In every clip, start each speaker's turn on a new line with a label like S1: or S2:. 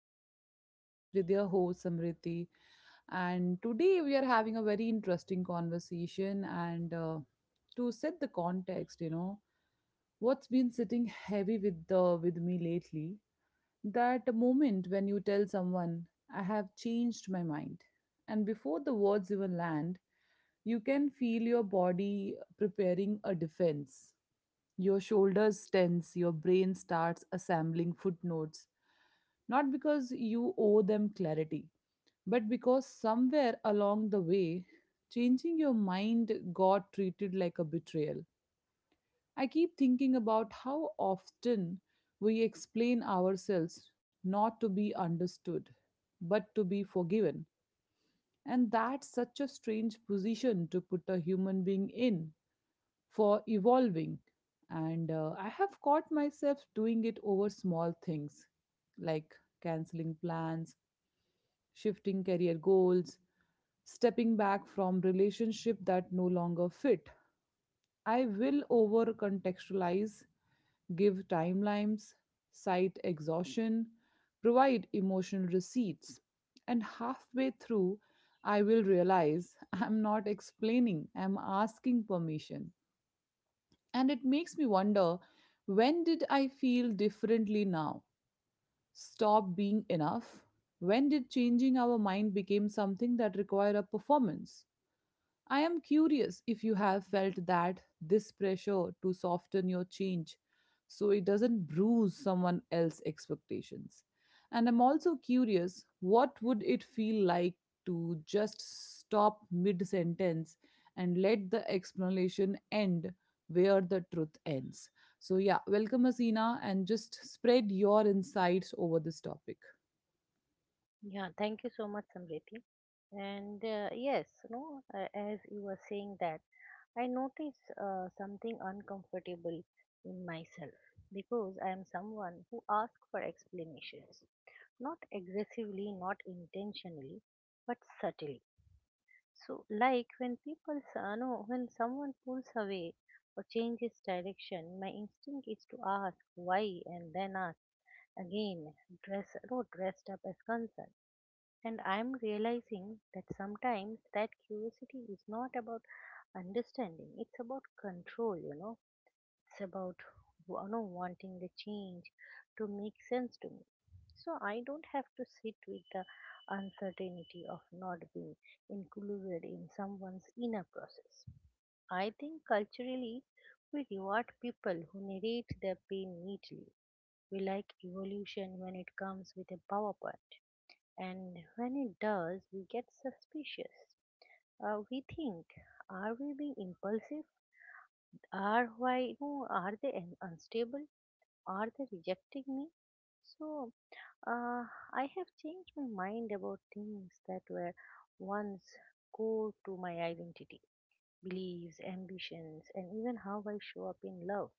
S1: another podcast with your host Samriti. And today we are having a very interesting conversation. And To set the context, you know, what's been sitting heavy with the with me lately, that moment when you tell someone I have changed my mind, and before the words even land, you can feel your body preparing a defense. Your shoulders tense, your brain starts assembling footnotes, not because you owe them clarity, but because somewhere along the way, changing your mind got treated like a betrayal. I keep thinking about how often we explain ourselves not to be understood, but to be forgiven. And that's such a strange position to put a human being in for evolving. And I have caught myself doing it over small things like canceling plans, shifting career goals, stepping back from relationship that no longer fit. I will over contextualize, give timelines, cite exhaustion, provide emotional receipts, and halfway through, I will realize I'm not explaining, I'm asking permission. And it makes me wonder, when did I feel differently now? Stop being enough? When did changing our mind become something that required a performance? I am curious if you have felt that this pressure to soften your change so it doesn't bruise someone else's expectations. And I'm also curious, what would it feel like to just stop mid sentence and let the explanation end where the truth ends. So, yeah, welcome, Asina, and just spread your insights over this topic.
S2: Yeah, thank you so much, Samriti. And yes, no, As you were saying that, I notice something uncomfortable in myself, because I am someone who asks for explanations, not aggressively, not intentionally, but subtly. So, like when people, s- no, when someone pulls away or changes direction, my instinct is to ask why and then ask again, dress, no, dressed up as concern. And I'm realizing that sometimes that curiosity is not about understanding, it's about control, it's about wanting the change to make sense to me. So I don't have to sit with the uncertainty of not being included in someone's inner process. I think culturally we reward people who narrate their pain neatly. We like evolution when it comes with a PowerPoint, and when it does, we get suspicious. We think, are we being impulsive? Are why you Are they unstable? Are they rejecting me? So, uh, I have changed my mind about things that were once core to my identity: beliefs, ambitions, and even how I show up in love.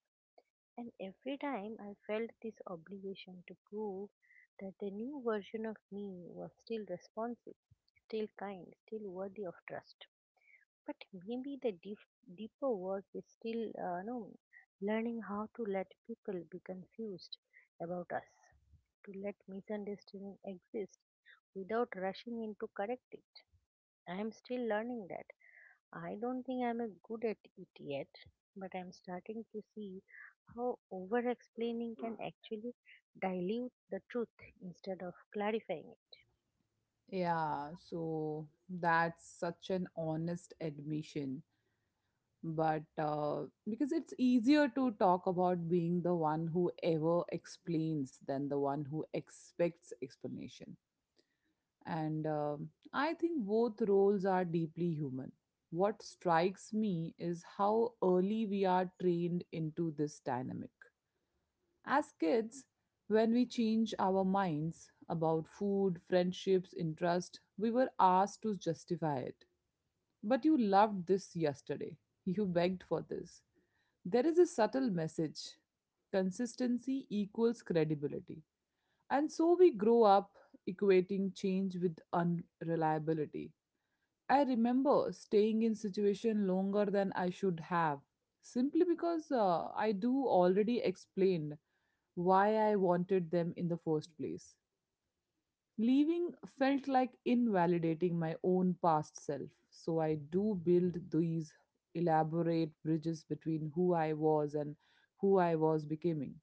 S2: And every time I felt this obligation to prove that the new version of me was still responsible, still kind, still worthy of trust. But maybe the deeper work is still, no, learning how to let people be confused about us, to let misunderstanding exist without rushing in to correct it. I am still learning that. I don't think I'm a good at it yet, but I'm starting to see how over explaining can actually dilute the truth instead of clarifying it.
S1: Yeah, so that's such an honest admission. But Because it's easier to talk about being the one who ever explains than the one who expects explanation. And I think both roles are deeply human. What strikes me is how early we are trained into this dynamic. As kids, when we change our minds about food, friendships, interest, we were asked to justify it. But you loved this yesterday. You begged for this. There is a subtle message: consistency equals credibility. And so we grow up equating change with unreliability. I remember staying in situation longer than I should have simply because I do already explained why I wanted them in the first place. Leaving felt like invalidating my own past self, so I do build these elaborate bridges between who I was and who I was becoming,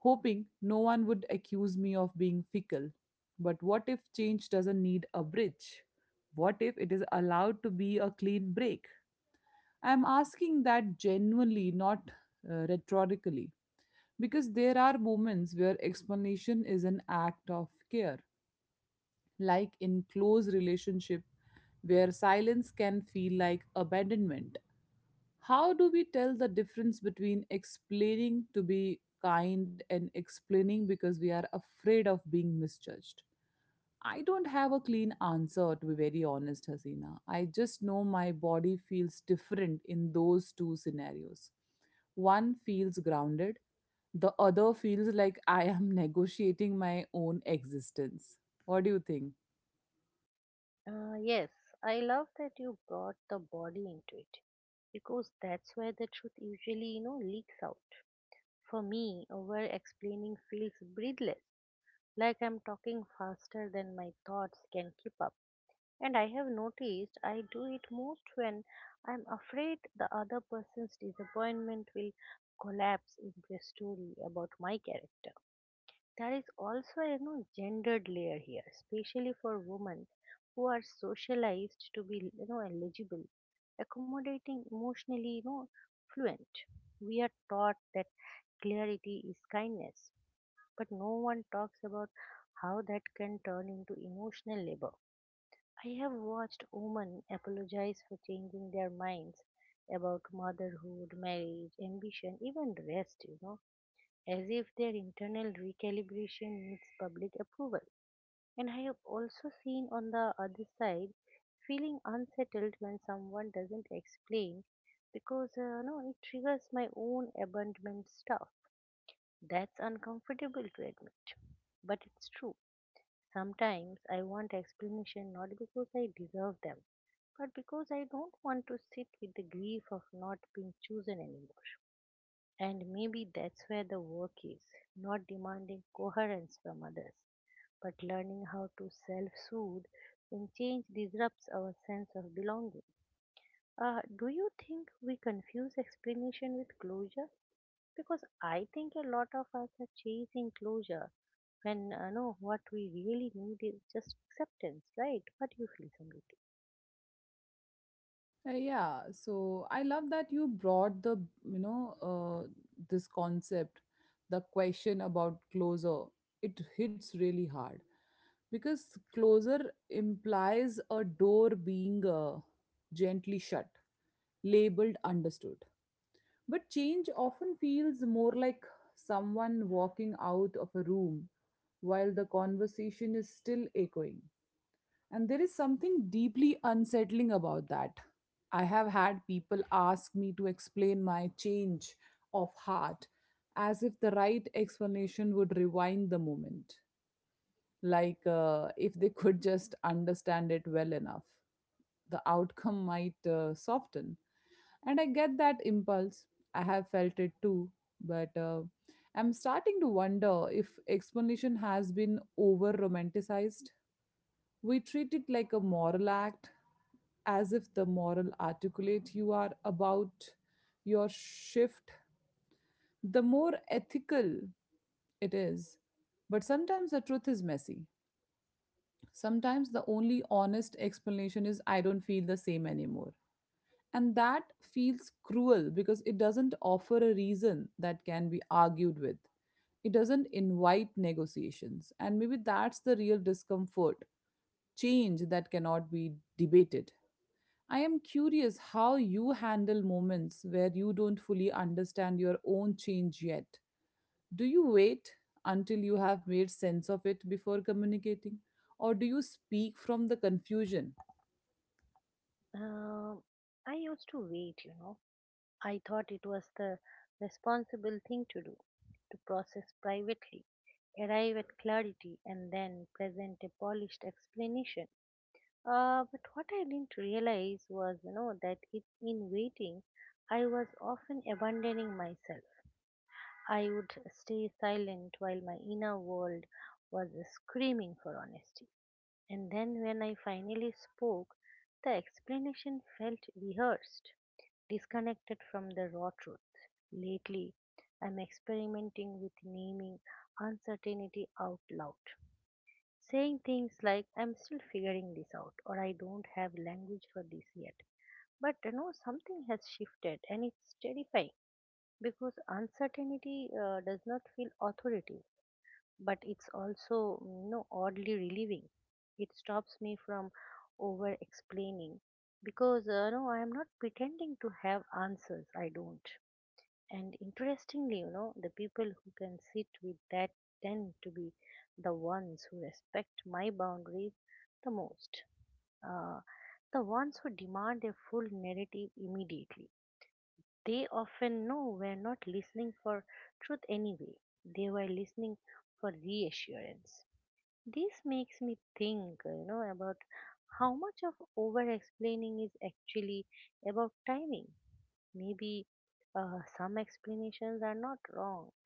S1: hoping no one would accuse me of being fickle. But what if change doesn't need a bridge? What if it is allowed to be a clean break? I'm asking that genuinely, not rhetorically, because there are moments where explanation is an act of care, like in close relationship where silence can feel like abandonment. How do we tell the difference between explaining to be kind and explaining because we are afraid of being misjudged? I don't have a clean answer, to be very honest, Hasina. I just know my body feels different in those two scenarios. One feels grounded, the other feels like I am negotiating my own existence. What do you think?
S2: Yes, I love that you brought the body into it, because that's where the truth usually leaks out. For me, over explaining feels breathless, like I'm talking faster than my thoughts can keep up. And I have noticed I do it most when I'm afraid the other person's disappointment will collapse into a story about my character. There is also a gendered layer here, especially for women who are socialized to be eligible, accommodating, emotionally fluent. We are taught that clarity is kindness, but no one talks about how that can turn into emotional labor. I have watched women apologize for changing their minds about motherhood, marriage, ambition, even rest, as if their internal recalibration needs public approval. And I have also seen on the other side feeling unsettled when someone doesn't explain, because no, it triggers my own abandonment stuff. That's uncomfortable to admit, but it's true. Sometimes I want explanation not because I deserve them, but because I don't want to sit with the grief of not being chosen anymore. And maybe that's where the work is, not demanding coherence from others, but learning how to self soothe when change disrupts our sense of belonging. Do you think we confuse explanation with closure? Because I think a lot of us are chasing closure when no, what we really need is just acceptance, right? What do you feel, Samriti?
S1: Yeah, so I love that you brought the, you know, uh, this concept, the question about closure. It hits really hard because closure implies a door being gently shut, labeled, understood. But change often feels more like someone walking out of a room while the conversation is still echoing. And there is something deeply unsettling about that. I have had people ask me to explain my change of heart as if the right explanation would rewind the moment, like if they could just understand it well enough. The outcome might soften. And I get that impulse. I have felt it too. But I'm starting to wonder if explanation has been over romanticized. We treat it like a moral act, as if the moral articulate you are about your shift, the more ethical it is. But sometimes the truth is messy. Sometimes the only honest explanation is, I don't feel the same anymore. And that feels cruel because it doesn't offer a reason that can be argued with. It doesn't invite negotiations. And maybe that's the real discomfort, change that cannot be debated. I am curious how you handle moments where you don't fully understand your own change yet. Do you wait until you have made sense of it before communicating? Or do you speak from the confusion?
S2: Um, I used to wait. I thought it was the responsible thing to do, to process privately, arrive at clarity, and then present a polished explanation. But what I didn't realize was that in waiting, I was often abandoning myself. I would stay silent while my inner world was screaming for honesty. And then when I finally spoke, the explanation felt rehearsed, disconnected from the raw truth. Lately, I'm experimenting with naming uncertainty out loud, saying things like, "I'm still figuring this out," or "I don't have language for this yet." But you know, something has shifted, and it's terrifying because uncertainty does not feel authoritative. But it's also oddly relieving. It stops me from over explaining because I am not pretending to have answers I don't. And interestingly, you know, the people who can sit with that tend to be the ones who respect my boundaries the most. uh, the ones who demand a full narrative immediately, they often know we're not listening for truth anyway. They were listening for reassurance. This makes me think, you know, about how much of over explaining is actually about timing. Maybe some explanations are not wrong,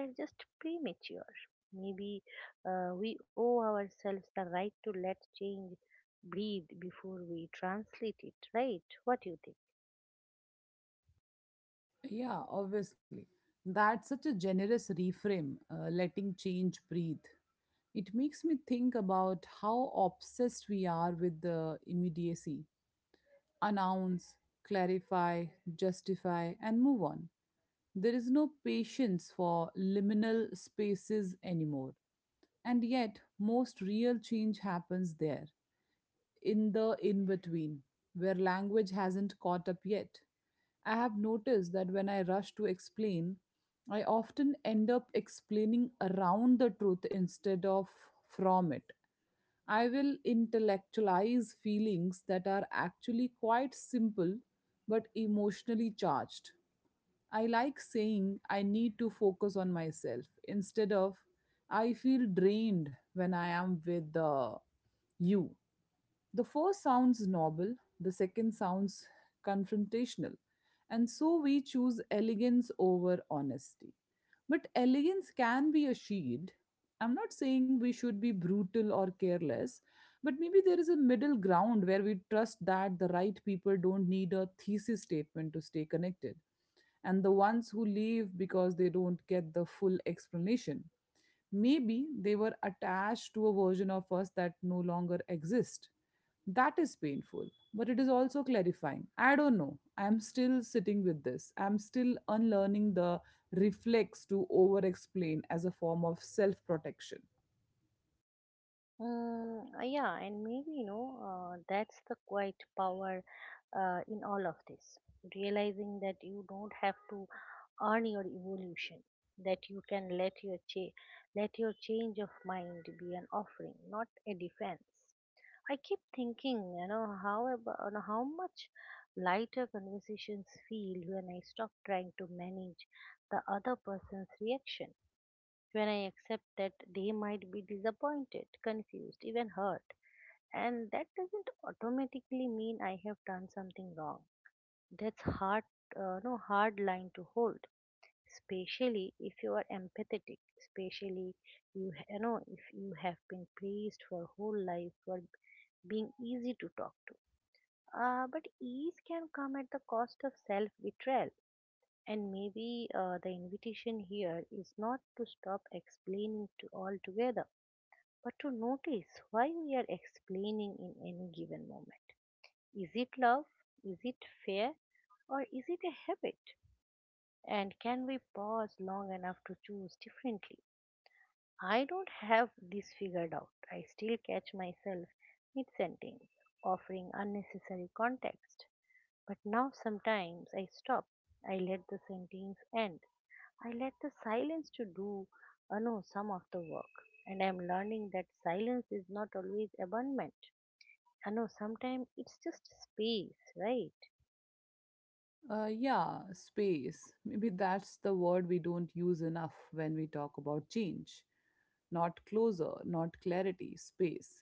S2: they are just premature. Maybe we owe ourselves the right to let change breathe before we translate it, right? What do you think?
S1: Yeah, obviously. That's such a generous reframe, letting change breathe. It makes me think about how obsessed we are with the immediacy: announce, clarify, justify, and move on. There is no patience for liminal spaces anymore. And yet, most real change happens there, in the in between, where language hasn't caught up yet. I have noticed that when I rush to explain, I often end up explaining around the truth instead of from it. I will intellectualize feelings that are actually quite simple but emotionally charged. I like saying I need to focus on myself instead of I feel drained when I am with you. The first sounds noble, the second sounds confrontational, and so we choose elegance over honesty. But elegance can be a shield. I'm not saying we should be brutal or careless, but maybe there is a middle ground where we trust that the right people don't need a thesis statement to stay connected, and the ones who leave because they don't get the full explanation, maybe they were attached to a version of us that no longer exists. That is painful, but it is also clarifying. I don't know. I'm still sitting with this. I'm still unlearning the reflex to over explain as a form of self protection.
S2: Yeah, and maybe, you know, that's the quiet power in all of this. Realizing that you don't have to earn your evolution, that you can let your change of mind be an offering, not a defense. I keep thinking, you know, how much lighter conversations feel when I stop trying to manage the other person's reaction, when I accept that they might be disappointed, confused, even hurt, and that doesn't automatically mean I have done something wrong. That's hard, no hard line to hold, especially if you are empathetic, especially you, ha- you know if you have been praised for whole life for being easy to talk to. But ease can come at the cost of self betrayal. And maybe the invitation here is not to stop explaining to altogether, but to notice why we are explaining in any given moment. Is it love? Is it fear? Or is it a habit? And can we pause long enough to choose differently? I don't have this figured out. I still catch myself mid sentence, offering unnecessary context, but now sometimes I stop. I let the sentence end. I let the silence to do no some of the work. And I'm learning that silence is not always abandonment. I know sometimes it's just space, right?
S1: Yeah, space. Maybe that's the word we don't use enough when we talk about change. Not closer, not clarity, space.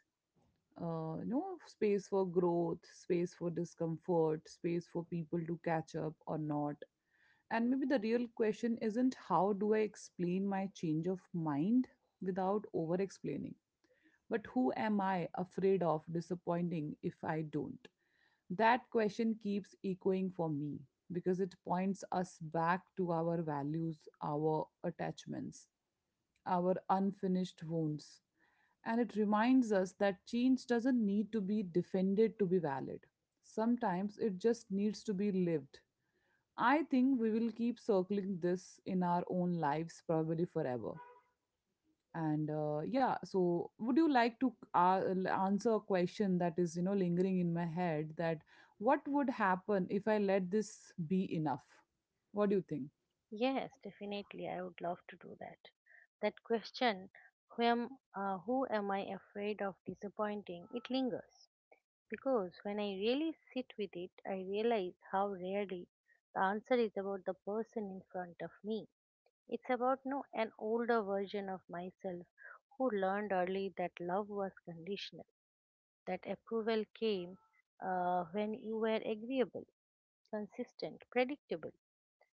S1: You know, space for growth, space for discomfort, space for people to catch up or not. And maybe the real question isn't how do I explain my change of mind without over explaining, but who am I afraid of disappointing if I don't? That question keeps echoing for me because it points us back to our values, our attachments, our unfinished wounds. And it reminds us that change doesn't need to be defended to be valid. Sometimes it just needs to be lived. I think we will keep circling this in our own lives probably forever. So would you like to answer a question that is, you know, lingering in my head, that what would happen if I let this be enough? What do you think?
S2: Yes, definitely. I would love to do that. That question, who am, who am I afraid of disappointing? It lingers. Because when I really sit with it, I realize how rarely the answer is about the person in front of me. It's about no an older version of myself who learned early that love was conditional, that approval came when you were agreeable, consistent, predictable.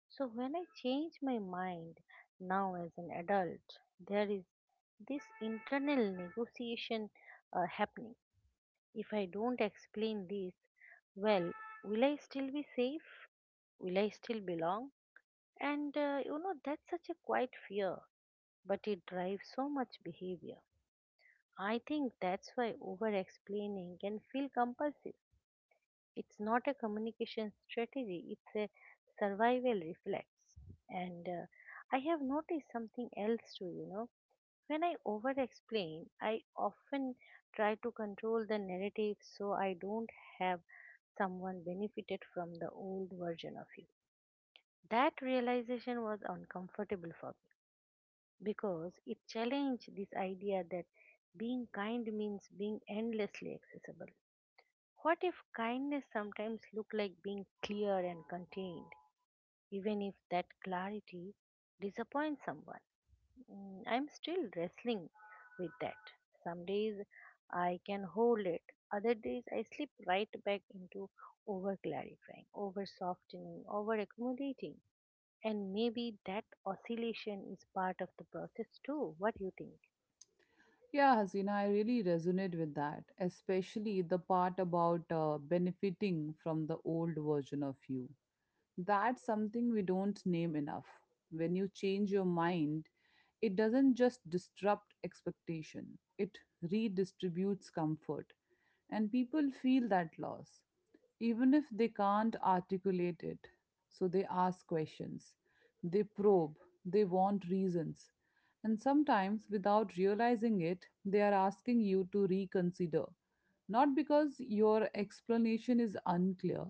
S2: So when I change my mind now as an adult, there is this internal negotiation happening. If I don't explain this well, will I still be safe? Will I still belong? And you know, that's such a quiet fear, but it drives so much behavior. I think that's why over explaining can feel compulsive. It's not a communication strategy, it's a survival reflex. And I have noticed something else too, you know, when I over explain, I often try to control the narrative so I don't have someone benefited from the old version of you. That realization was uncomfortable for me because it challenged this idea that being kind means being endlessly accessible. What if kindness sometimes looked like being clear and contained, even if that clarity disappoints someone? Mm, I'm still wrestling with that. Some days I can hold it, other days I slip right back into over clarifying, over softening, over accommodating. And maybe that oscillation is part of the process too. What do you think?
S1: Yeah, Hasina, I really resonate with that, especially the part about benefiting from the old version of you. That's something we don't name enough. When you change your mind, it doesn't just disrupt expectation, it redistributes comfort, and people feel that loss even if they can't articulate it. So they ask questions, they probe, they want reasons. And sometimes, without realizing it, they are asking you to reconsider. Not because your explanation is unclear,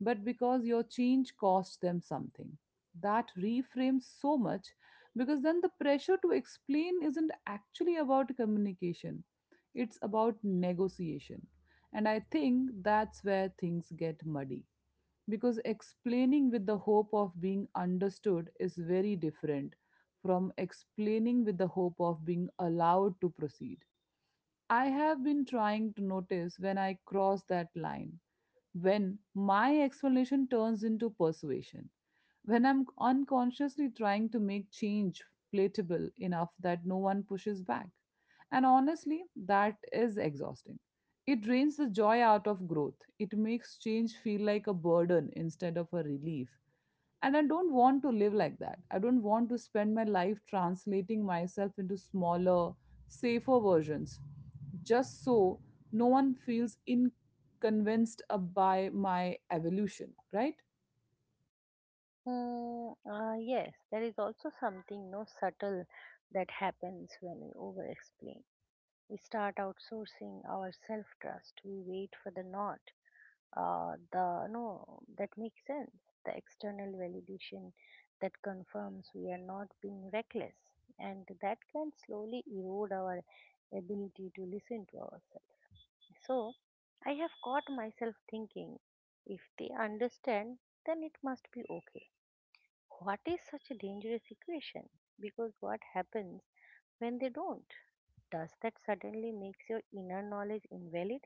S1: but because your change cost them something. That reframes so much, because then the pressure to explain isn't actually about communication, it's about negotiation. And I think that's where things get muddy because explaining with the hope of being understood is very different from explaining with the hope of being allowed to proceed. I have been trying to notice when I cross that line, when my explanation turns into persuasion, when I'm unconsciously trying to make change palatable enough that no one pushes back. And honestly, that is exhausting. It drains the joy out of growth. It makes change feel like a burden instead of a relief. And I don't want to live like that. I don't want to spend my life translating myself into smaller, safer versions, just so no one feels inconvenienced by my evolution, right?
S2: Yes, there is also something no subtle that happens when we over explain. We start outsourcing our self trust. We wait for the not the no that makes sense, the external validation that confirms we are not being reckless. And that can slowly erode our ability to listen to ourselves. So I have caught myself thinking, if they understand, then it must be okay. What is such a dangerous equation? Because what happens when they don't? Does that suddenly makes your inner knowledge invalid?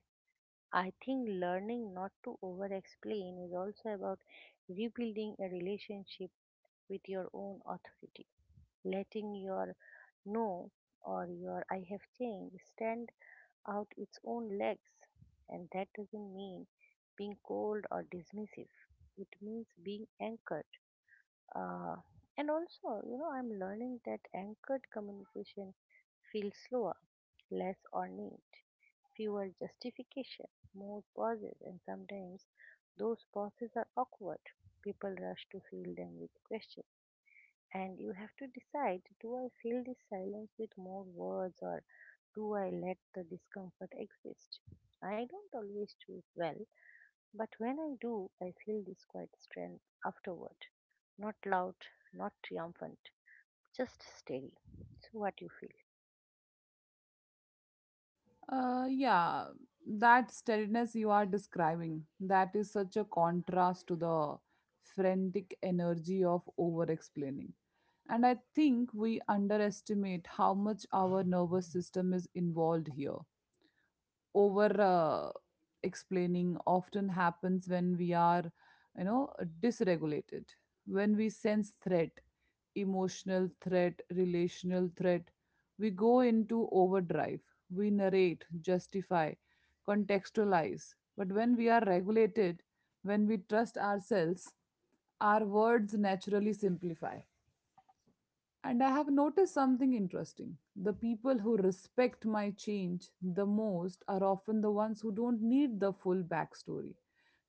S2: I think learning not to over explain is also about rebuilding a relationship with your own authority, letting your no or your "I have changed" stand out its own legs. And that doesn't mean being cold or dismissive, it means being anchored. uh, and also, you know, I'm learning that anchored communication feels slower, less ornate, fewer justification, more pauses, and sometimes those pauses are awkward. People rush to fill them with questions. And you have to decide, do I fill this silence with more words, or do I let the discomfort exist? I don't always choose well, but when I do, I feel this quiet strength afterward. Not loud, not triumphant, just steady. So, what you feel?
S1: Uh, yeah, that steadiness you are describing, that is such a contrast to the frantic energy of over explaining. And I think we underestimate how much our nervous system is involved here. Over explaining often happens when we are, you know, dysregulated, when we sense threat, emotional threat, relational threat, we go into overdrive, we narrate, justify, contextualize. But when we are regulated, when we trust ourselves, our words naturally simplify. And I have noticed something interesting. The people who respect my change the most are often the ones who don't need the full backstory.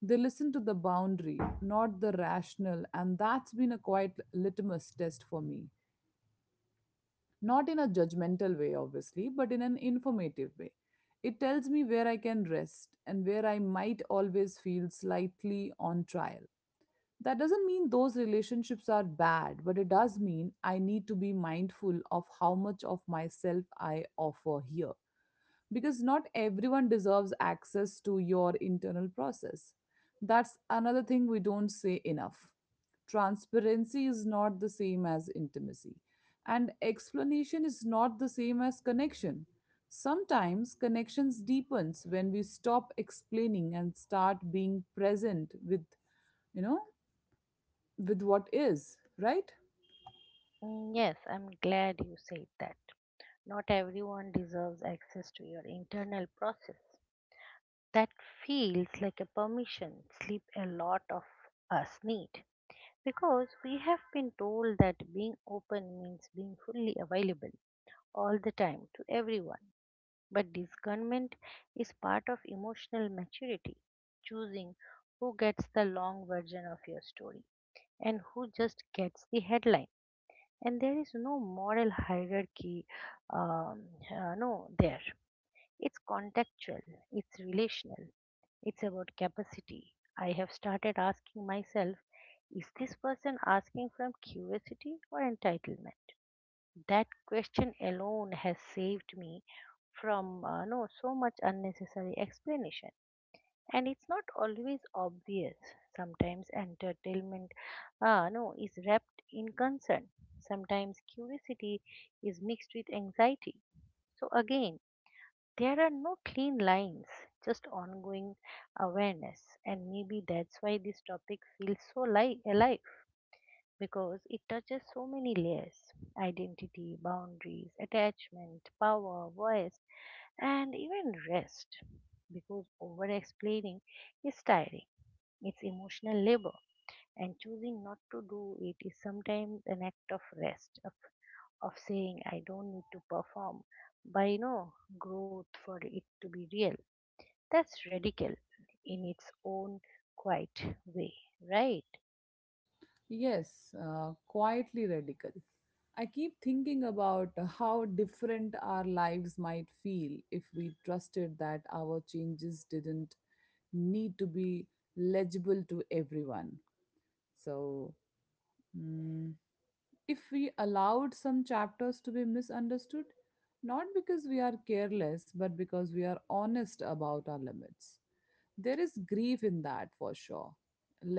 S1: They listen to the boundary, not the rational, and that's been a quite litmus test for me. Not in a judgmental way, obviously, but in an informative way. It tells me where I can rest and where I might always feel slightly on trial. That doesn't mean those relationships are bad, but it does mean I need to be mindful of how much of myself I offer here. Because not everyone deserves access to your internal process. That's another thing we don't say enough. Transparency is not the same as intimacy, and explanation is not the same as connection. Sometimes connections deepens when we stop explaining and start being present with you know with what is, right?
S2: Mm, yes, I'm glad you said that. Not everyone deserves access to your internal process. That feels like a permission sleep a lot of us need, because we have been told that being open means being fully available all the time to everyone. But discernment is part of emotional maturity, choosing who gets the long version of your story and who just gets the headline. And there is no moral hierarchy, um, no, there. It's contextual, it's relational, it's about capacity. I have started asking myself, is this person asking from curiosity or entitlement? That question alone has saved me from no so much unnecessary explanation. And it's not always obvious. Sometimes entertainment no is wrapped in concern. Sometimes curiosity is mixed with anxiety. So again, there are no clean lines, just ongoing awareness. And maybe that's why this topic feels so alive, because it touches so many layers: identity, boundaries, attachment, power, voice, and even rest. Because over explaining is tiring, it's emotional labor, and choosing not to do it is sometimes an act of rest, of saying, I don't need to perform by no growth for it to be real. That's radical in its own quiet way, right?
S1: Yes, quietly radical. I keep thinking about how different our lives might feel if we trusted that our changes didn't need to be legible to everyone. So, mm, if we allowed some chapters to be misunderstood, not because we are careless, but because we are honest about our limits. There is grief in that, for sure,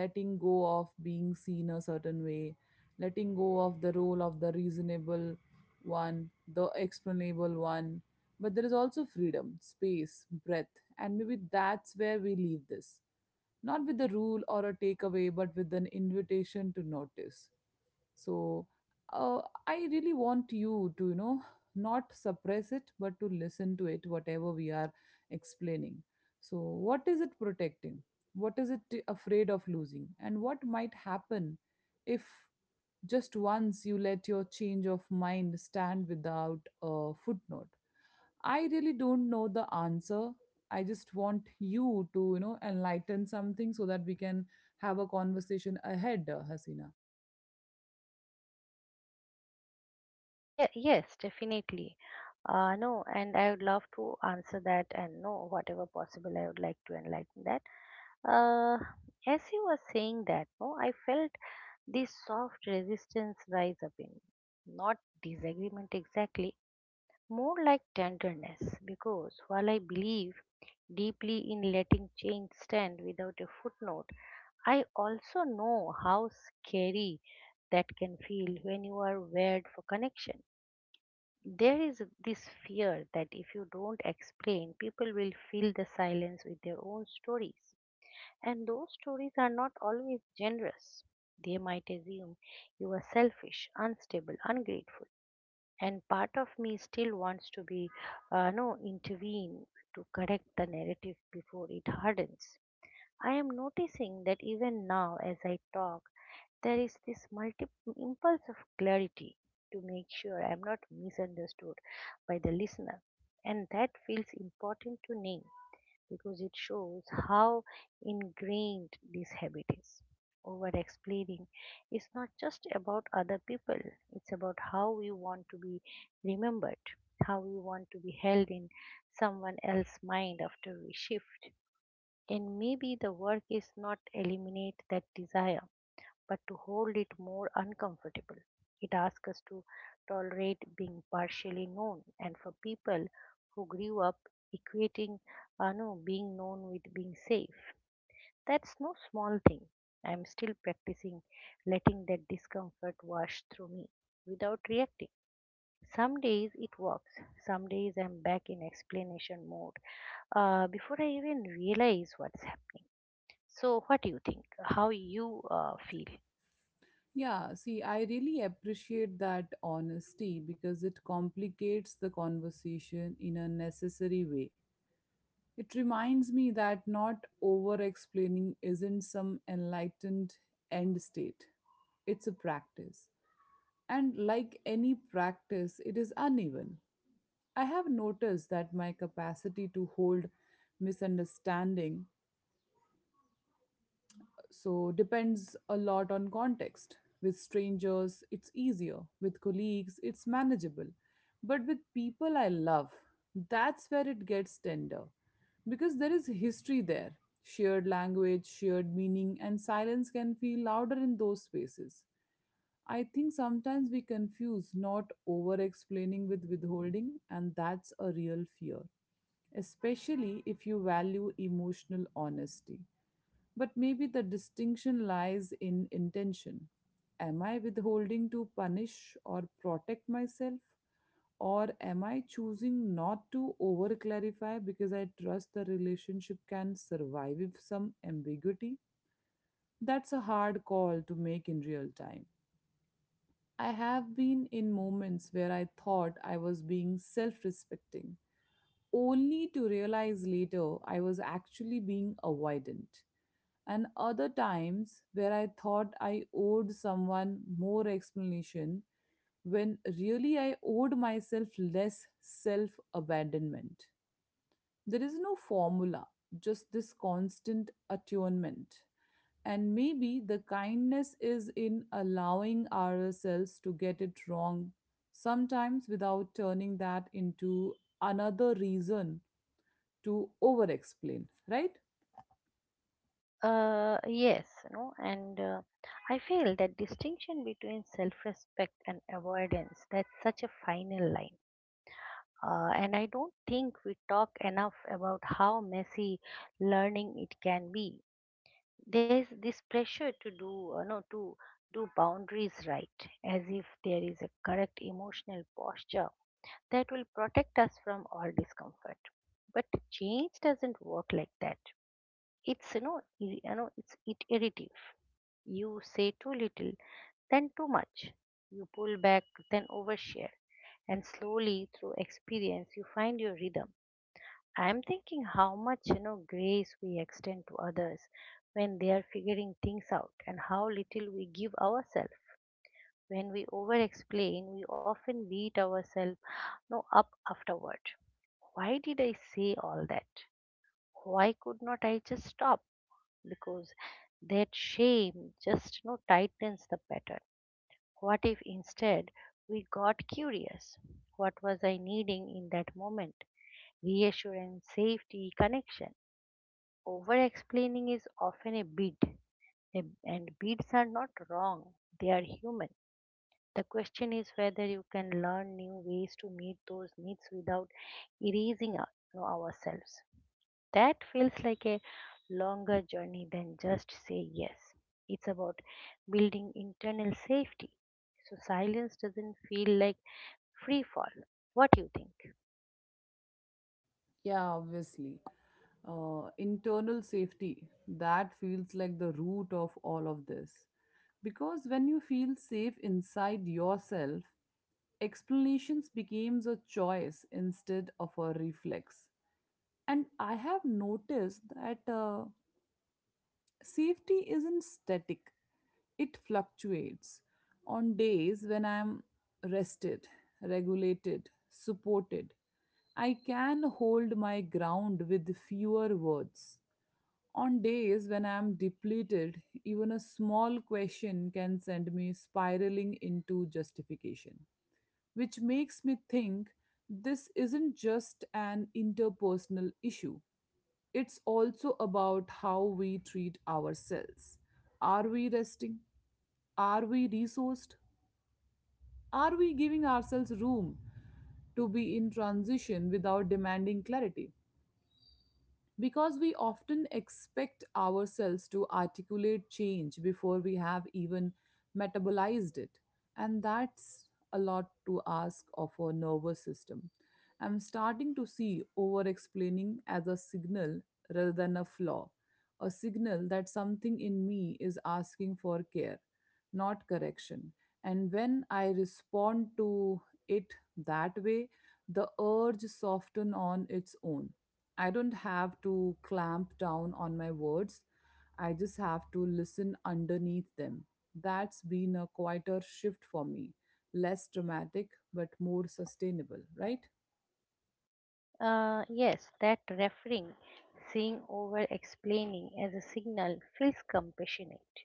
S1: letting go of being seen a certain way, letting go of the role of the reasonable one, the explainable one, but there is also freedom, space, breath. And maybe that's where we leave this, not with a rule or a takeaway, but with an invitation to notice. So, uh, I really want you to, not suppress it, but to listen to it, whatever we are explaining. So, what is it protecting? What is afraid of losing? And what might happen if, just once, you let your change of mind stand without a footnote? I really don't know the answer. I just want you to, enlighten something so that we can have a conversation ahead, Hasina.
S2: Yeah, yes, definitely. No, And I would love to answer that, and no, whatever possible, I would like to enlighten that. Uh, as you were saying that, no, I felt this soft resistance rise up in me. Not disagreement exactly, more like tenderness, because while I believe deeply in letting change stand without a footnote, I also know how scary that can feel when you are wired for connection. There is this fear that if you don't explain, people will fill the silence with their own stories. And those stories are not always generous. They might assume you are selfish, unstable, ungrateful. And part of me still wants to be, no, intervene to correct the narrative before it hardens. I am noticing that even now as I talk, there is this impulse of clarity, to make sure I am not misunderstood by the listener. And that feels important to name, because it shows how ingrained this habit is. Over explaining is not just about other people, it's about how we want to be remembered, how we want to be held in someone else's mind after we shift. And maybe the work is not eliminate that desire, but to hold it more uncomfortable. It asks us to tolerate being partially known. And for people who grew up equating no, being known with being safe, that's no small thing. I'm still practicing letting that discomfort wash through me without reacting. Some days it works. Some days I'm back in explanation mode before I even realize what's happening. So, what do you think? How you feel?
S1: Yeah, see, I really appreciate that honesty because it complicates the conversation in a necessary way. It reminds me that not over explaining isn't some enlightened end state, it's a practice. And like any practice, it is uneven. I have noticed that my capacity to hold misunderstanding so depends a lot on context. With strangers, it's easier. With colleagues, it's manageable. But with people I love, that's where it gets tender. Because there is history there, shared language, shared meaning, and silence can feel louder in those spaces. I think sometimes we confuse not over explaining with withholding, and that's a real fear, especially if you value emotional honesty. But maybe the distinction lies in intention. Am I withholding to punish or protect myself? Or am I choosing not to over clarify because I trust the relationship can survive with some ambiguity? That's a hard call to make in real time. I have been in moments where I thought I was being self respecting, only to realize later I was actually being avoidant, and other times where I thought I owed someone more explanation when really I owed myself less self abandonment. There is no formula, just this constant attunement. And maybe the kindness is in allowing ourselves to get it wrong sometimes, without turning that into another reason to over explain, right?
S2: Yes, no, and I feel that distinction between self-respect and avoidance, that's such a final line. And I don't think we talk enough about how messy learning it can be. There's this pressure to do, no, to do boundaries right, as if there is a correct emotional posture that will protect us from all discomfort. But change doesn't work like that. It's you know ir- you know it's it irritative. You say too little, then too much, you pull back, then overshare, and slowly through experience you find your rhythm. I'm thinking how much grace we extend to others when they are figuring things out, and how little we give ourselves. When we over explain, we often beat ourselves no up afterward. Why did I say all that? Why could not I just stop? Because that shame just, tightens the pattern. What if instead we got curious? What was I needing in that moment? Reassurance, safety, connection. Over explaining is often a bid, and bids are not wrong, they are human. The question is whether you can learn new ways to meet those needs without erasing ourselves. That feels like a longer journey than just say yes. It's about building internal safety, so silence doesn't feel like free fall. What do you think?
S1: Yeah, obviously. Internal safety, that feels like the root of all of this, because when you feel safe inside yourself, explanations becomes a choice instead of a reflex. And I have noticed that, safety isn't static, it fluctuates. On days when I'm rested, regulated, supported, I can hold my ground with fewer words. On days when I am depleted, even a small question can send me spiraling into justification, which makes me think this isn't just an interpersonal issue. It's also about how we treat ourselves. Are we resting? Are we resourced? Are we giving ourselves room to be in transition without demanding clarity? Because we often expect ourselves to articulate change before we have even metabolized it. And that's a lot to ask of our nervous system. I'm starting to see over explaining as a signal rather than a flaw, a signal that something in me is asking for care, not correction. And when I respond to it that way, the urge soften on its own. I don't have to clamp down on my words. I just have to listen underneath them. That's been a quieter shift for me. Less dramatic, but more sustainable, right?
S2: Yes, that referring, seeing over explaining as a signal feels compassionate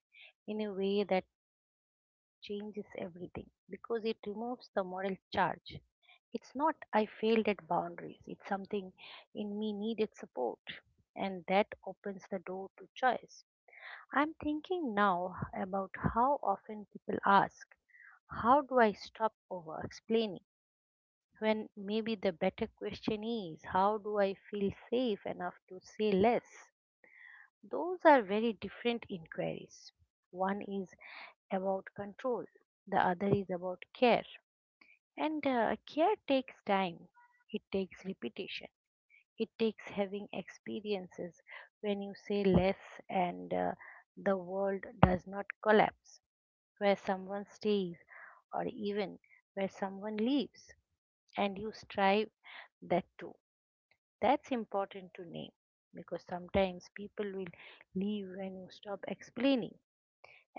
S2: in a way that changes everything, because it removes the moral charge. It's not I failed at boundaries, it's something in me needed support, and that opens the door to choice. I'm thinking now about how often people ask, how do I stop over explaining? When maybe the better question is, how do I feel safe enough to say less? Those are very different inquiries. One is about control, the other is about care. And care takes time, it takes repetition, it takes having experiences when you say less and the world does not collapse, where someone stays, or even where someone leaves, and you strive that too. That's important to name, because sometimes people will leave when you stop explaining,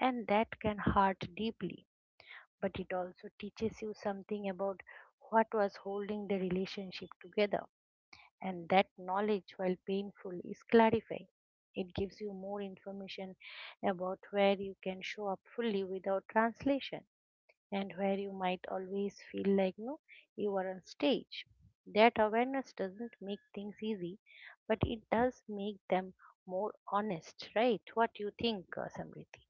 S2: and that can hurt deeply, but it also teaches you something about what was holding the relationship together. And that knowledge, while painful, is clarifying. It gives you more information about where you can show up fully without translation, and where you might always feel like no you are on stage. That awareness doesn't make things easy, but it does make them more honest, right? What do you think, Samriti?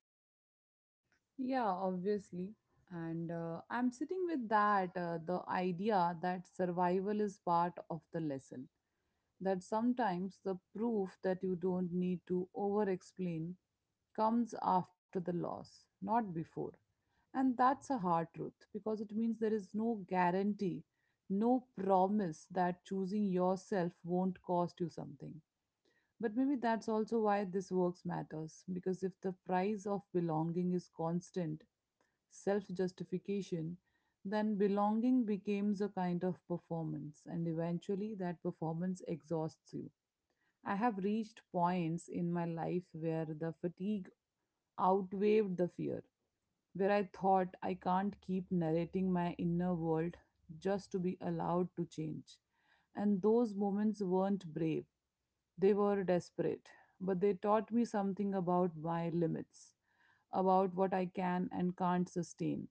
S1: Yeah, obviously. And I'm sitting with that the idea that survival is part of the lesson. That sometimes the proof that you don't need to over explain comes after the loss, not before. And that's a hard truth because it means there is no guarantee, no promise that choosing yourself won't cost you something. But maybe that's also why this works matters, because if the price of belonging is constant self justification, then belonging becomes a kind of performance, and eventually that performance exhausts you. I have reached points in my life where the fatigue outweighed the fear, where I thought I can't keep narrating my inner world just to be allowed to change. And those moments weren't brave, they were desperate, but they taught me something about my limits, about what I can and can't sustain.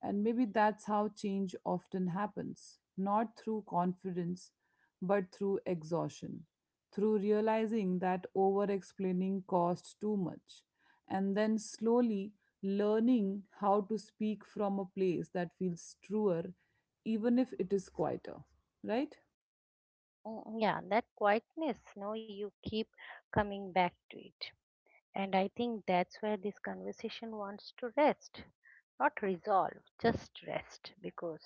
S1: And maybe that's how change often happens, not through confidence, but through exhaustion, through realizing that over explaining costs too much, and then slowly learning how to speak from a place that feels truer, even if it is quieter, right?
S2: Mm, yeah, that quietness, no, you keep coming back to it. And I think that's where this conversation wants to rest. Not resolve, just rest. Because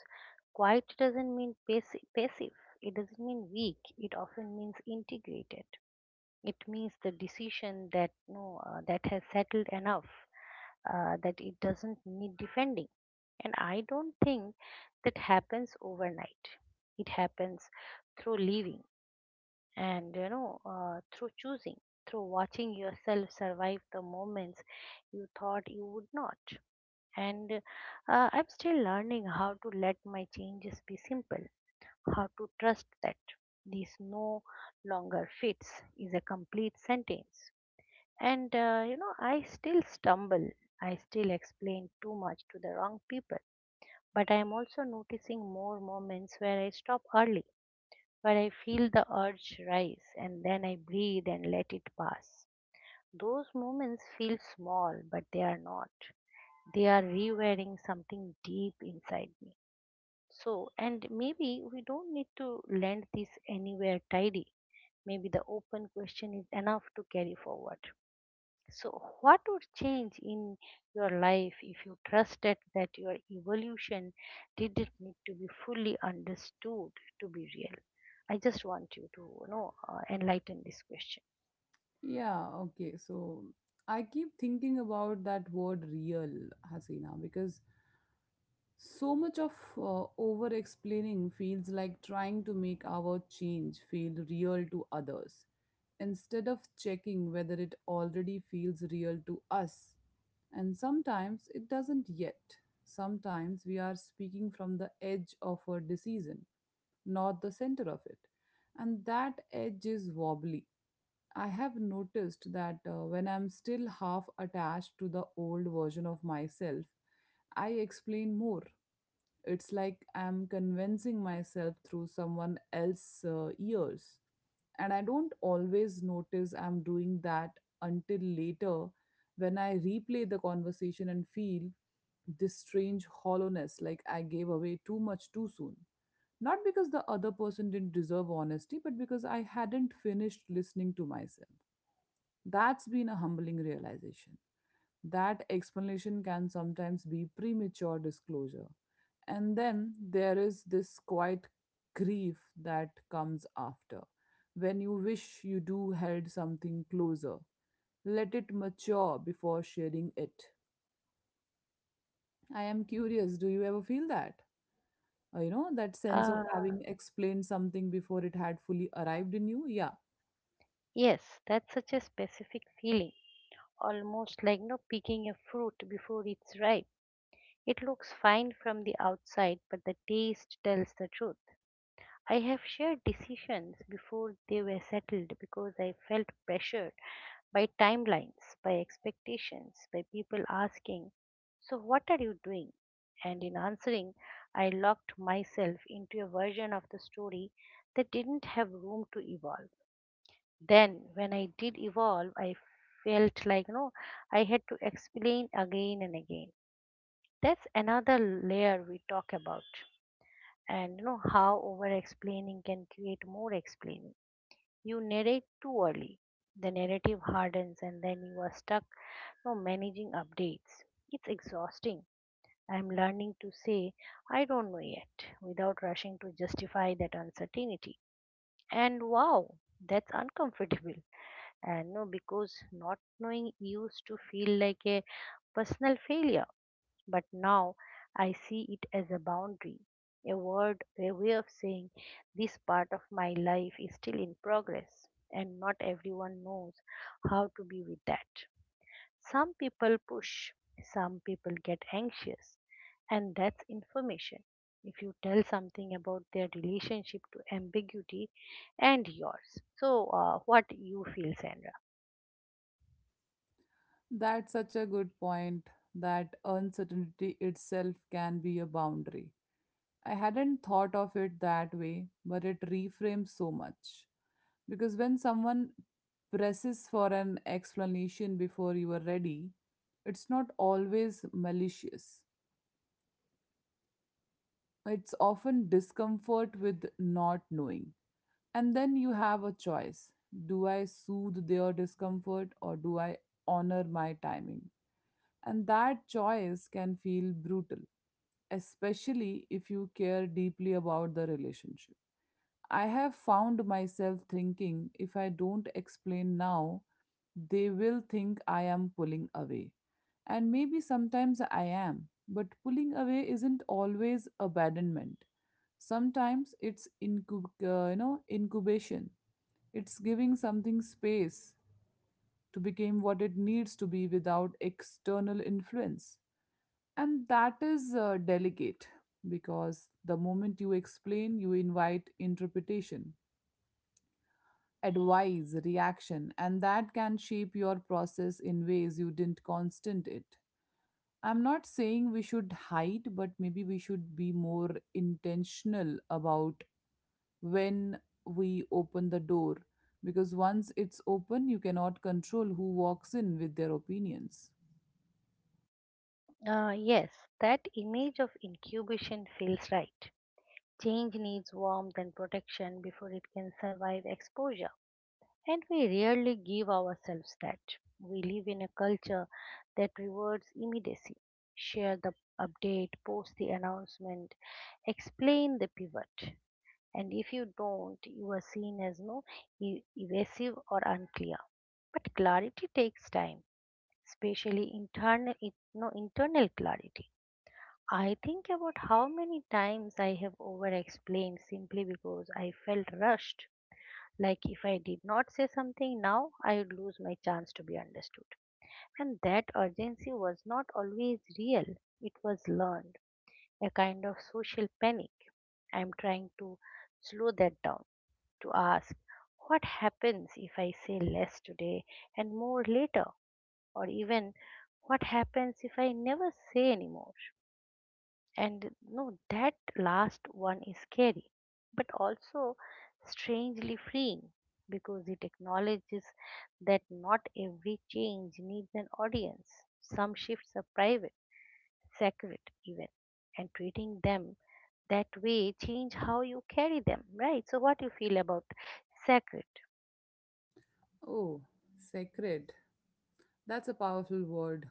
S2: quiet doesn't mean passive. It doesn't mean weak. It often means integrated. It means the decision that no, that has settled enough that it doesn't need defending. And I don't think that happens overnight. It happens through living, and through choosing, through watching yourself survive the moments you thought you would not. And I'm still learning how to let my changes be simple, how to trust that this no longer fits is a complete sentence. And I still stumble, I still explain too much to the wrong people, but I am also noticing more moments where I stop early, but I feel the urge rise and then I breathe and let it pass. Those moments feel small, but they are not. They are rewiring something deep inside me. So, and maybe we don't need to land this anywhere tidy. Maybe the open question is enough to carry forward. So, what would change in your life if you trusted that your evolution didn't need to be fully understood to be real? I just want you to enlighten this question.
S1: Yeah, okay. So I keep thinking about that word real, Hasina, because so much of over explaining feels like trying to make our change feel real to others instead of checking whether it already feels real to us. And sometimes it doesn't yet. Sometimes we are speaking from the edge of a decision, not the center of it. And that edge is wobbly. I have noticed that, when I'm still half attached to the old version of myself, I explain more. It's like I'm convincing myself through someone else's ears. And I don't always notice I'm doing that until later, when I replay the conversation and feel this strange hollowness, like I gave away too much too soon. Not because the other person didn't deserve honesty, but because I hadn't finished listening to myself. That's been a humbling realization. That explanation can sometimes be premature disclosure. And then there is this quiet grief that comes after. When you wish you do held something closer, let it mature before sharing it. I am curious, do you ever feel that? You know, that sense of
S2: Uh,
S1: having explained something before it had fully arrived in you? Yeah.
S2: Yes, that's such a specific feeling, almost like no picking a fruit before it's ripe. It looks fine from the outside, but the taste tells the truth. I have shared decisions before they were settled because I felt pressured by timelines, by expectations, by people asking, so, what are you doing? And in answering, I locked myself into a version of the story that didn't have room to evolve. Then, when I did evolve, I felt like, I had to explain again and again. That's another layer we talk about, and how over explaining can create more explaining. You narrate too early, the narrative hardens, and then you are stuck, managing updates. It's exhausting. I'm learning to say I don't know yet without rushing to justify that uncertainty. And wow, that's uncomfortable, and no, because not knowing used to feel like a personal failure. But now I see it as a boundary, a word, a way of saying this part of my life is still in progress, and not everyone knows how to be with that. Some people push, some people get anxious, and that's information. If you tell something about their relationship to ambiguity and yours. So, what you feel, Sandra?
S1: That's such a good point, that uncertainty itself can be a boundary. I hadn't thought of it that way, but it reframes so much. Because when someone presses for an explanation before you are ready, it's not always malicious. It's often discomfort with not knowing. And then you have a choice: do I soothe their discomfort, or do I honor my timing? And that choice can feel brutal, especially if you care deeply about the relationship. I have found myself thinking, if I don't explain now, they will think I am pulling away. And maybe sometimes I am, but pulling away isn't always abandonment. Sometimes it's incubation. It's giving something space to become what it needs to be without external influence. And that is delicate, because the moment you explain, you invite interpretation, advice, reaction, and that can shape your process in ways you didn't constant it. I'm not saying we should hide, but maybe we should be more intentional about when we open the door, because once it's open, you cannot control who walks in with their opinions.
S2: Yes, that image of incubation feels right. Change needs warmth and protection before it can survive exposure. And we rarely give ourselves that. We live in a culture that rewards immediacy. Share the update, post the announcement, explain the pivot. And if you don't, you are seen as no evasive or unclear. But clarity takes time, especially internal, no, internal clarity. I think about how many times I have over explained simply because I felt rushed. Like if I did not say something now, I would lose my chance to be understood. And that urgency was not always real, it was learned, a kind of social panic. I'm trying to slow that down, to ask what happens if I say less today and more later, or even what happens if I never say anymore. And no, that last one is scary, but also strangely freeing, because it acknowledges that not every change needs an audience. Some shifts are private, sacred, even, and treating them that way change how you carry them, right? So what you feel about sacred?
S1: Oh, sacred. That's a powerful word,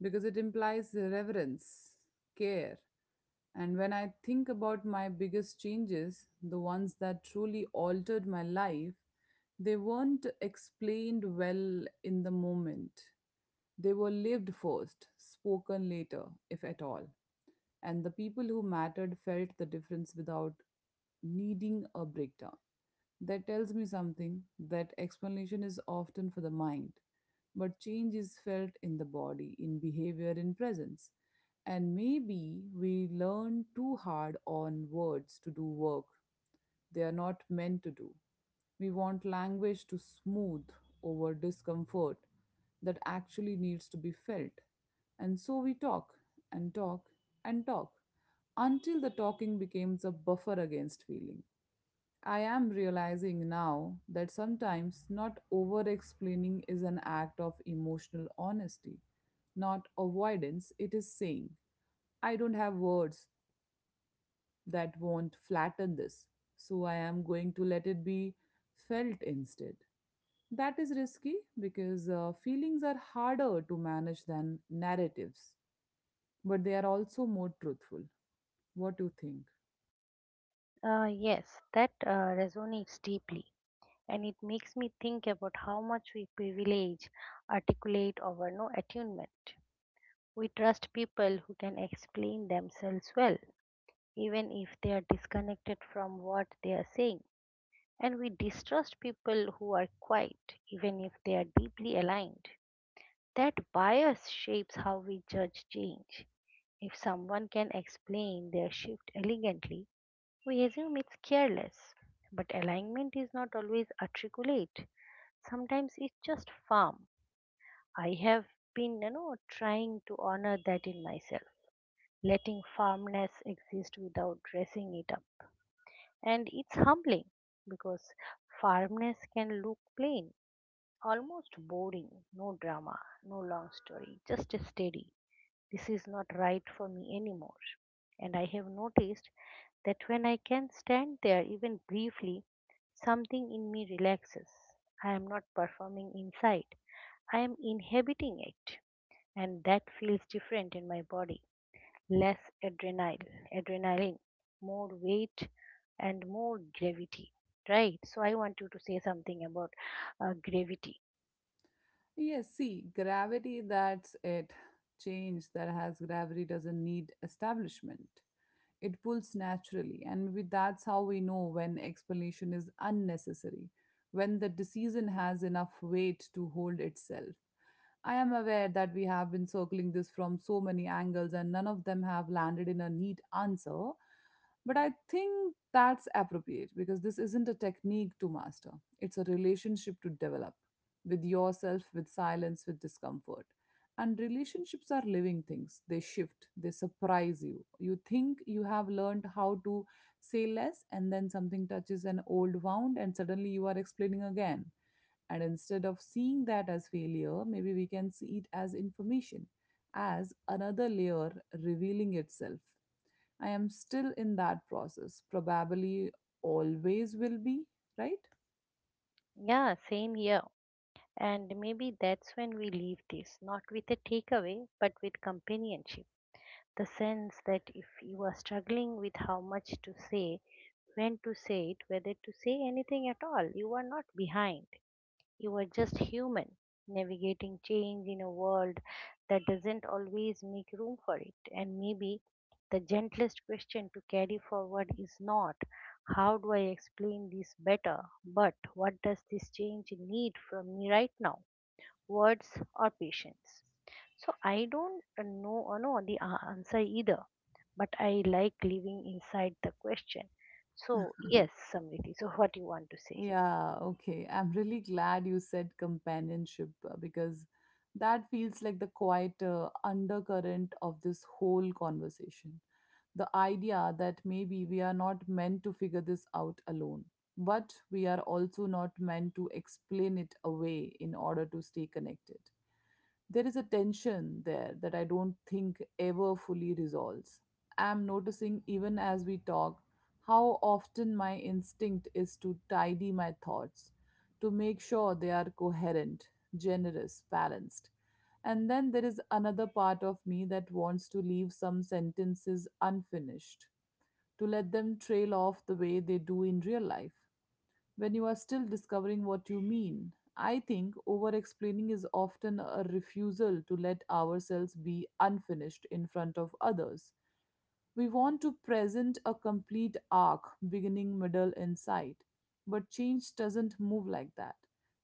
S1: because it implies reverence, care. And when I think about my biggest changes, the ones that truly altered my life, they weren't explained well in the moment. They were lived first, spoken later, if at all. And the people who mattered felt the difference without needing a breakdown. That tells me something, that explanation is often for the mind, but change is felt in the body, in behavior, in presence. And maybe we learn too hard on words to do work they are not meant to do. We want language to smooth over discomfort that actually needs to be felt. And so we talk and talk and talk until the talking becomes a buffer against feeling. I am realizing now that sometimes not over explaining is an act of emotional honesty, not avoidance. It is saying, I don't have words that won't flatten this, so I am going to let it be felt instead. That is risky, because feelings are harder to manage than narratives, but they are also more truthful. What do you think?
S2: Yes, that resonates deeply, and it makes me think about how much we privilege articulate over no attunement. We trust people who can explain themselves well, even if they are disconnected from what they are saying. And we distrust people who are quiet, even if they are deeply aligned. That bias shapes how we judge change. If someone can explain their shift elegantly, we assume it's careless. But alignment is not always articulate, sometimes it's just firm. I have been trying to honor that in myself, letting farmness exist without dressing it up. And it's humbling because farmness can look plain, almost boring, no drama, no long story, just a steady. This is not right for me anymore. And I have noticed that when I can stand there even briefly, something in me relaxes. I am not performing inside, I am inhabiting it, and that feels different in my body. Less adrenal, adrenaline, more weight, and more gravity, right? So I want you to say something about gravity.
S1: Yes, see, gravity, that's it. Change that has gravity doesn't need establishment. It pulls naturally, and maybe that's how we know when explanation is unnecessary, when the decision has enough weight to hold itself. I am aware that we have been circling this from so many angles and none of them have landed in a neat answer. But I think that's appropriate, because this isn't a technique to master, it's a relationship to develop with yourself, with silence, with discomfort. And relationships are living things. They shift, they surprise you. You think you have learned how to say less, and then something touches an old wound, and suddenly you are explaining again. And instead of seeing that as failure, maybe we can see it as information, as another layer revealing itself. I am still in that process, probably always will be, right?
S2: Yeah, same here. And maybe that's when we leave this, not with a takeaway, but with companionship. The sense that if you are struggling with how much to say, when to say it, whether to say anything at all, you are not behind. You are just human, navigating change in a world that doesn't always make room for it. And maybe the gentlest question to carry forward is not, how do I explain this better, but what does this change need from me right now? Words or patience? So I don't know the answer either, but I like living inside the question. So yes, Samriti. So what you want to say?
S1: Yeah, okay. I'm really glad you said companionship because that feels like the quiet undercurrent of this whole conversation. The idea that maybe we are not meant to figure this out alone, but we are also not meant to explain it away in order to stay connected, there is a tension there that I don't think ever fully resolves. I'm noticing even as we talk how often my instinct is to tidy my thoughts, to make sure they are coherent, generous, balanced. And then there is another part of me that wants to leave some sentences unfinished, to let them trail off the way they do in real life when you are still discovering what you mean. I think over explaining is often a refusal to let ourselves be unfinished in front of others. We want to present a complete arc, beginning, middle, and sight. But change doesn't move like that.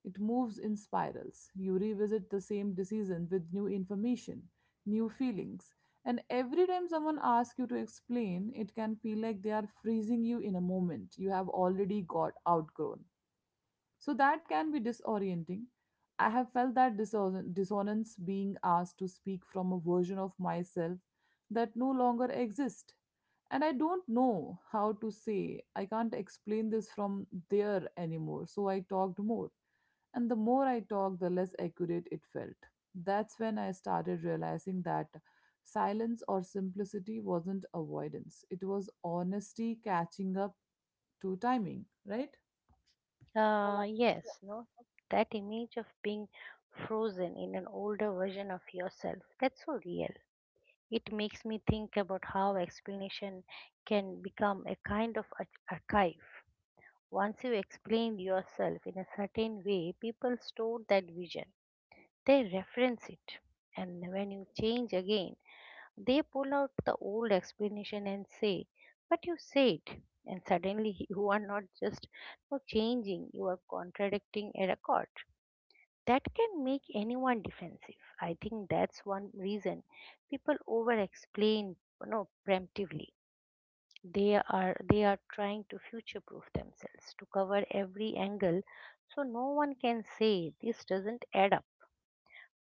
S1: It moves in spirals. You revisit the same decision with new information, new feelings. And every time someone asks you to explain, it can feel like they are freezing you in a moment you have already got outgrown. So that can be disorienting. I have felt that dissonance being asked to speak from a version of myself that no longer exists. And I don't know how to say, I can't explain this from there anymore. So I talked more. And the more I talked, the less accurate it felt. That's when I started realizing that silence or simplicity wasn't avoidance, it was honesty catching up to timing, right?
S2: Yes, no, that image of being frozen in an older version of yourself, that's so real. It makes me think about how explanation can become a kind of archive. Once you explain yourself in a certain way, people store that vision, they reference it. And when you change again, they pull out the old explanation and say, but you said, and suddenly you are not just not changing, you are contradicting a record. That can make anyone defensive. I think that's one reason people over explain, preemptively. They are trying to future proof themselves to cover every angle so no one can say this doesn't add up.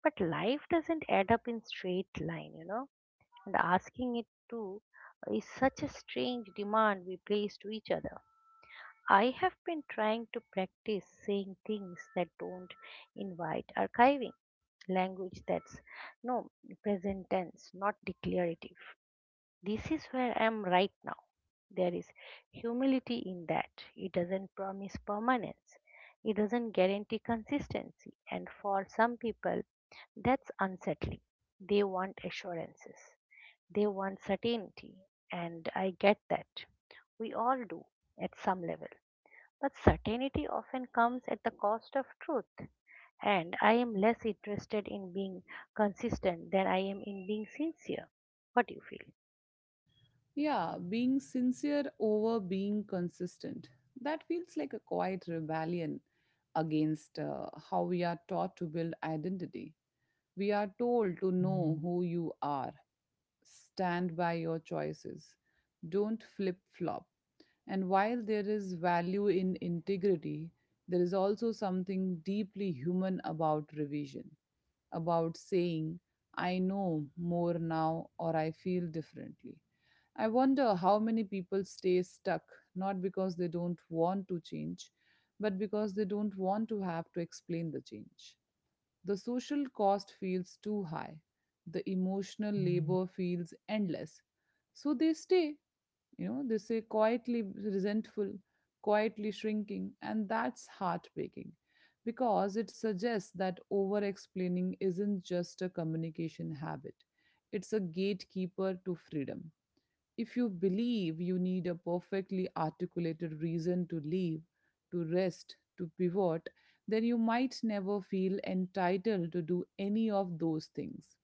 S2: But life doesn't add up in straight line, and asking it to is such a strange demand we place to each other. I have been trying to practice saying things that don't invite archiving, language that's no present tense, not declarative. This is where I am right now. There is humility in that. It doesn't promise permanence, it doesn't guarantee consistency, and for some people, that's unsettling. They want assurances. They want certainty, and I get that. We all do at some level. But certainty often comes at the cost of truth, and I am less interested in being consistent than I am in being sincere. What do you feel?
S1: Yeah, being sincere over being consistent. That feels like a quiet rebellion against how we are taught to build identity. We are told to know who you are, stand by your choices, don't flip flop. And while there is value in integrity, there is also something deeply human about revision, about saying, I know more now or I feel differently. I wonder how many people stay stuck, not because they don't want to change, but because they don't want to have to explain the change. The social cost feels too high. The emotional labor feels endless. So they stay, you know, they stay quietly resentful, quietly shrinking, and that's heartbreaking because it suggests that over explaining isn't just a communication habit, it's a gatekeeper to freedom. If you believe you need a perfectly articulated reason to leave, to rest, to pivot, then you might never feel entitled to do any of those things.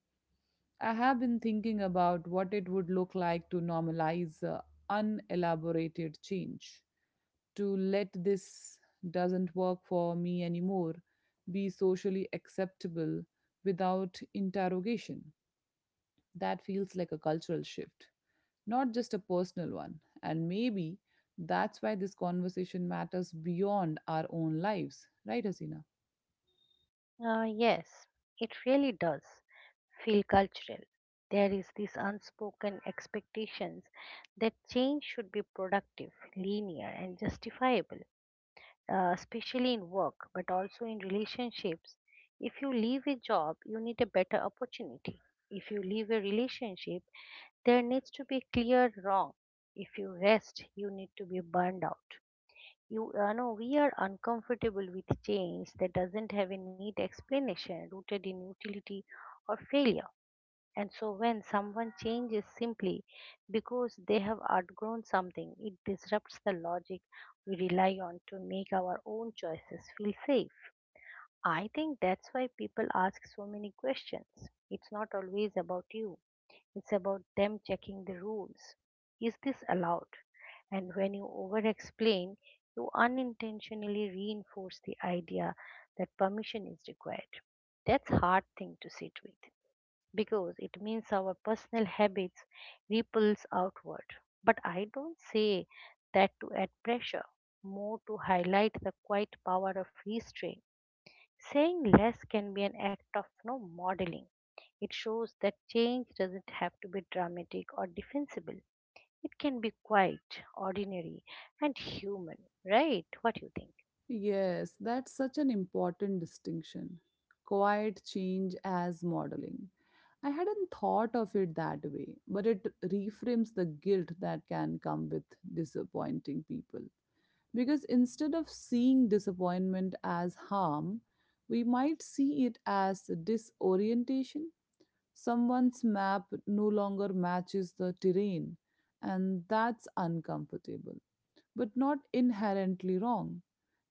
S1: I have been thinking about what it would look like to normalize unelaborated change, to let "this doesn't work for me anymore" be socially acceptable without interrogation. That feels like a cultural shift, not just a personal one. And maybe that's why this conversation matters beyond our own lives, right, Hasina?
S2: Yes, it really does feel cultural. There is this unspoken expectations that change should be productive, linear, and justifiable, especially in work, but also in relationships. If you leave a job, you need a better opportunity. If you leave a relationship, there needs to be clear wrong. If you rest, you need to be burned out. You know, we are uncomfortable with change that doesn't have a neat explanation rooted in utility or failure. And so when someone changes simply because they have outgrown something, it disrupts the logic we rely on to make our own choices feel safe. I think that's why people ask so many questions. It's not always about you, it's about them checking the rules. Is this allowed? And when you over explain, you unintentionally reinforce the idea that permission is required. That's hard thing to sit with because it means our personal habits ripples outward. But I don't say that to add pressure, more to highlight the quiet power of restraint. Saying less can be an act of no modeling. It shows that change doesn't have to be dramatic or defensible. It can be quiet, ordinary, and human, right? What do you think?
S1: Yes, that's such an important distinction. Quiet change as modeling. I hadn't thought of it that way, but it reframes the guilt that can come with disappointing people. Because instead of seeing disappointment as harm, we might see it as disorientation. Someone's map no longer matches the terrain, and that's uncomfortable, but not inherently wrong.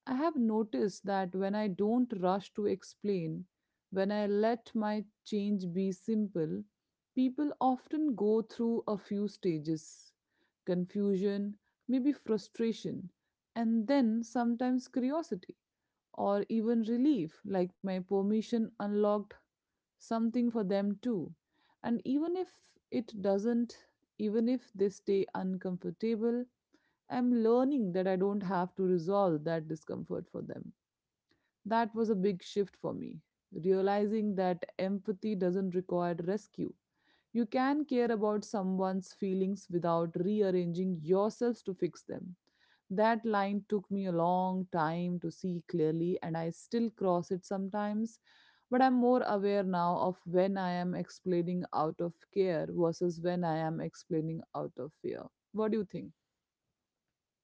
S1: I have noticed that when I don't rush to explain, when I let my change be simple, people often go through a few stages: confusion, maybe frustration, and then sometimes curiosity or even relief, like my permission unlocked something for them too. And even if it doesn't, even if they stay uncomfortable, I'm learning that I don't have to resolve that discomfort for them. That was a big shift for me, realizing that empathy doesn't require rescue. You can care about someone's feelings without rearranging yourselves to fix them. That line took me a long time to see clearly, and I still cross it sometimes, but I'm more aware now of when I am explaining out of care versus when I am explaining out of fear. What do you think?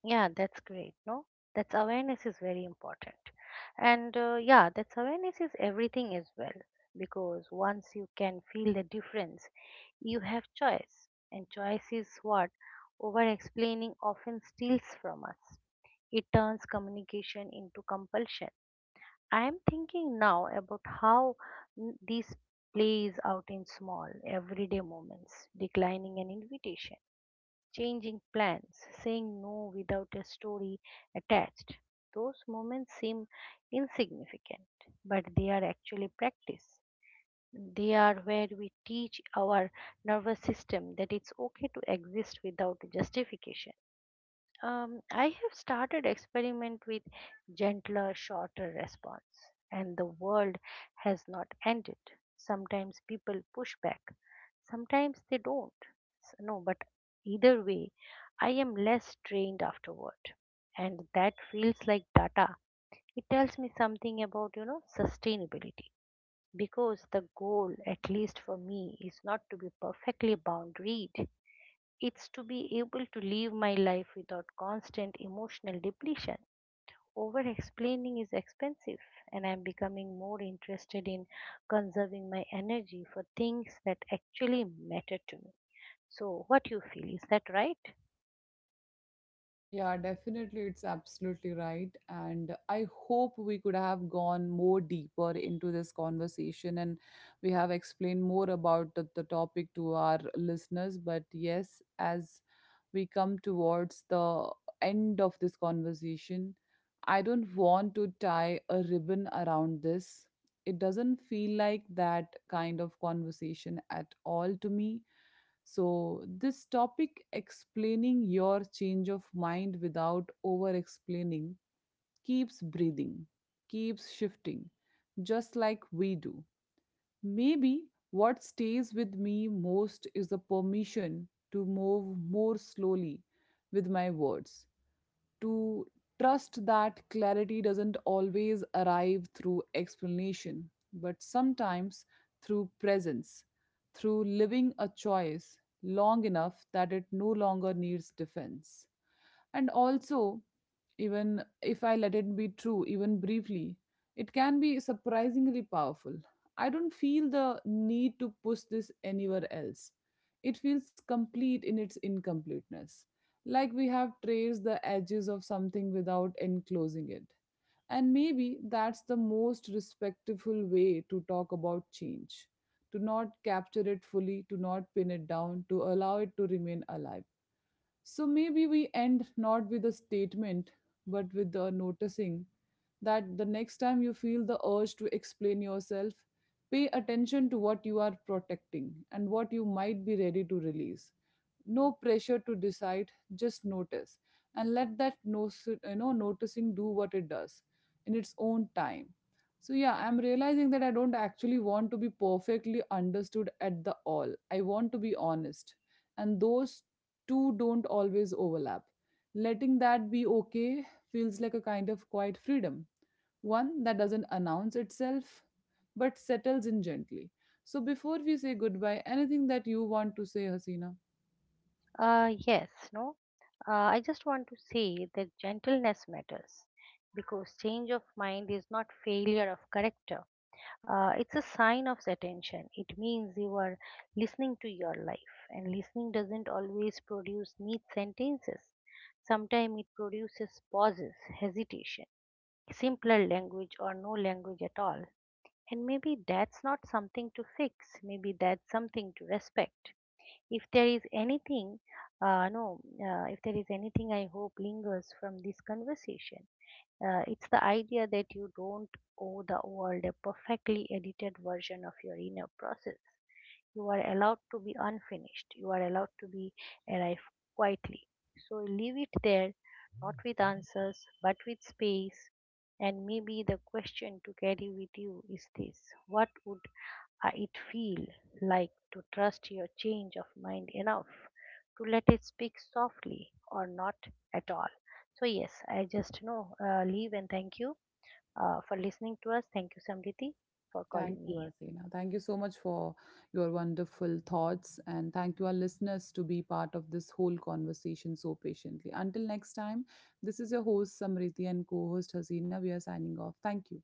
S2: Yeah, that's great. No, that's awareness is very important. And yeah, that's awareness is everything as well. Because once you can feel the difference, you have choice. And choice is what over explaining often steals from us. It turns communication into compulsion. I am thinking now about how this plays out in small, everyday moments, declining an invitation, changing plans, saying no without a story attached. Those moments seem insignificant, but they are actually practice. They are where we teach our nervous system that it's okay to exist without justification. I have started experiment with gentler, shorter response, and the world has not ended. Sometimes people push back, sometimes they don't. No, but either way, I am less strained afterward, and that feels like data. It tells me something about sustainability because the goal, at least for me, is not to be perfectly boundaried, it's to be able to live my life without constant emotional depletion. Over explaining is expensive, and I'm becoming more interested in conserving my energy for things that actually matter to me. So, what you feel, is that right?
S1: Yeah, definitely. It's absolutely right. And I hope we could have gone more deeper into this conversation and we have explained more about the topic to our listeners. But yes, as we come towards the end of this conversation, I don't want to tie a ribbon around this. It doesn't feel like that kind of conversation at all to me, so this topic, explaining your change of mind without over explaining, keeps breathing, keeps shifting, just like we do. Maybe what stays with me most is the permission to move more slowly with my words, to trust that clarity doesn't always arrive through explanation, but sometimes through presence, through living a choice long enough that it no longer needs defense. And also, even if I let it be true, even briefly, it can be surprisingly powerful. I don't feel the need to push this anywhere else. It feels complete in its incompleteness, like we have traced the edges of something without enclosing it. And maybe that's the most respectful way to talk about change, to not capture it fully, to not pin it down, to allow it to remain alive. So maybe we end not with a statement, but with the noticing that the next time you feel the urge to explain yourself, pay attention to what you are protecting and what you might be ready to release. No pressure to decide, just notice, and let that no noticing do what it does in its own time. So yeah, I'm realizing that I don't actually want to be perfectly understood at the all, I want to be honest, and those two don't always overlap. Letting that be okay feels like a kind of quiet freedom, one that doesn't announce itself but settles in gently. So before we say goodbye, anything that you want to say, Hasina?
S2: Yes, no. I just want to say that gentleness matters because change of mind is not failure of character. It's a sign of attention. It means you are listening to your life, and listening doesn't always produce neat sentences. Sometimes it produces pauses, hesitation, simpler language, or no language at all. And maybe that's not something to fix, maybe that's something to respect. If there is anything, no, if there is anything I hope lingers from this conversation, it's the idea that you don't owe the world a perfectly edited version of your inner process. You are allowed to be unfinished. You are allowed to be arrive quietly. So leave it there, not with answers, but with space. And maybe the question to carry with you is this. What would it feel like to trust your change of mind enough to let it speak softly or not at all? So, yes, I just know leave and thank you for listening to us. Thank you, Samriti, for
S1: Thank
S2: calling
S1: you,
S2: me.
S1: Asena. Thank you so much for your wonderful thoughts. And thank you, our listeners, to be part of this whole conversation so patiently. Until next time, this is your host, Samriti, and co host, Hasina. We are signing off. Thank you.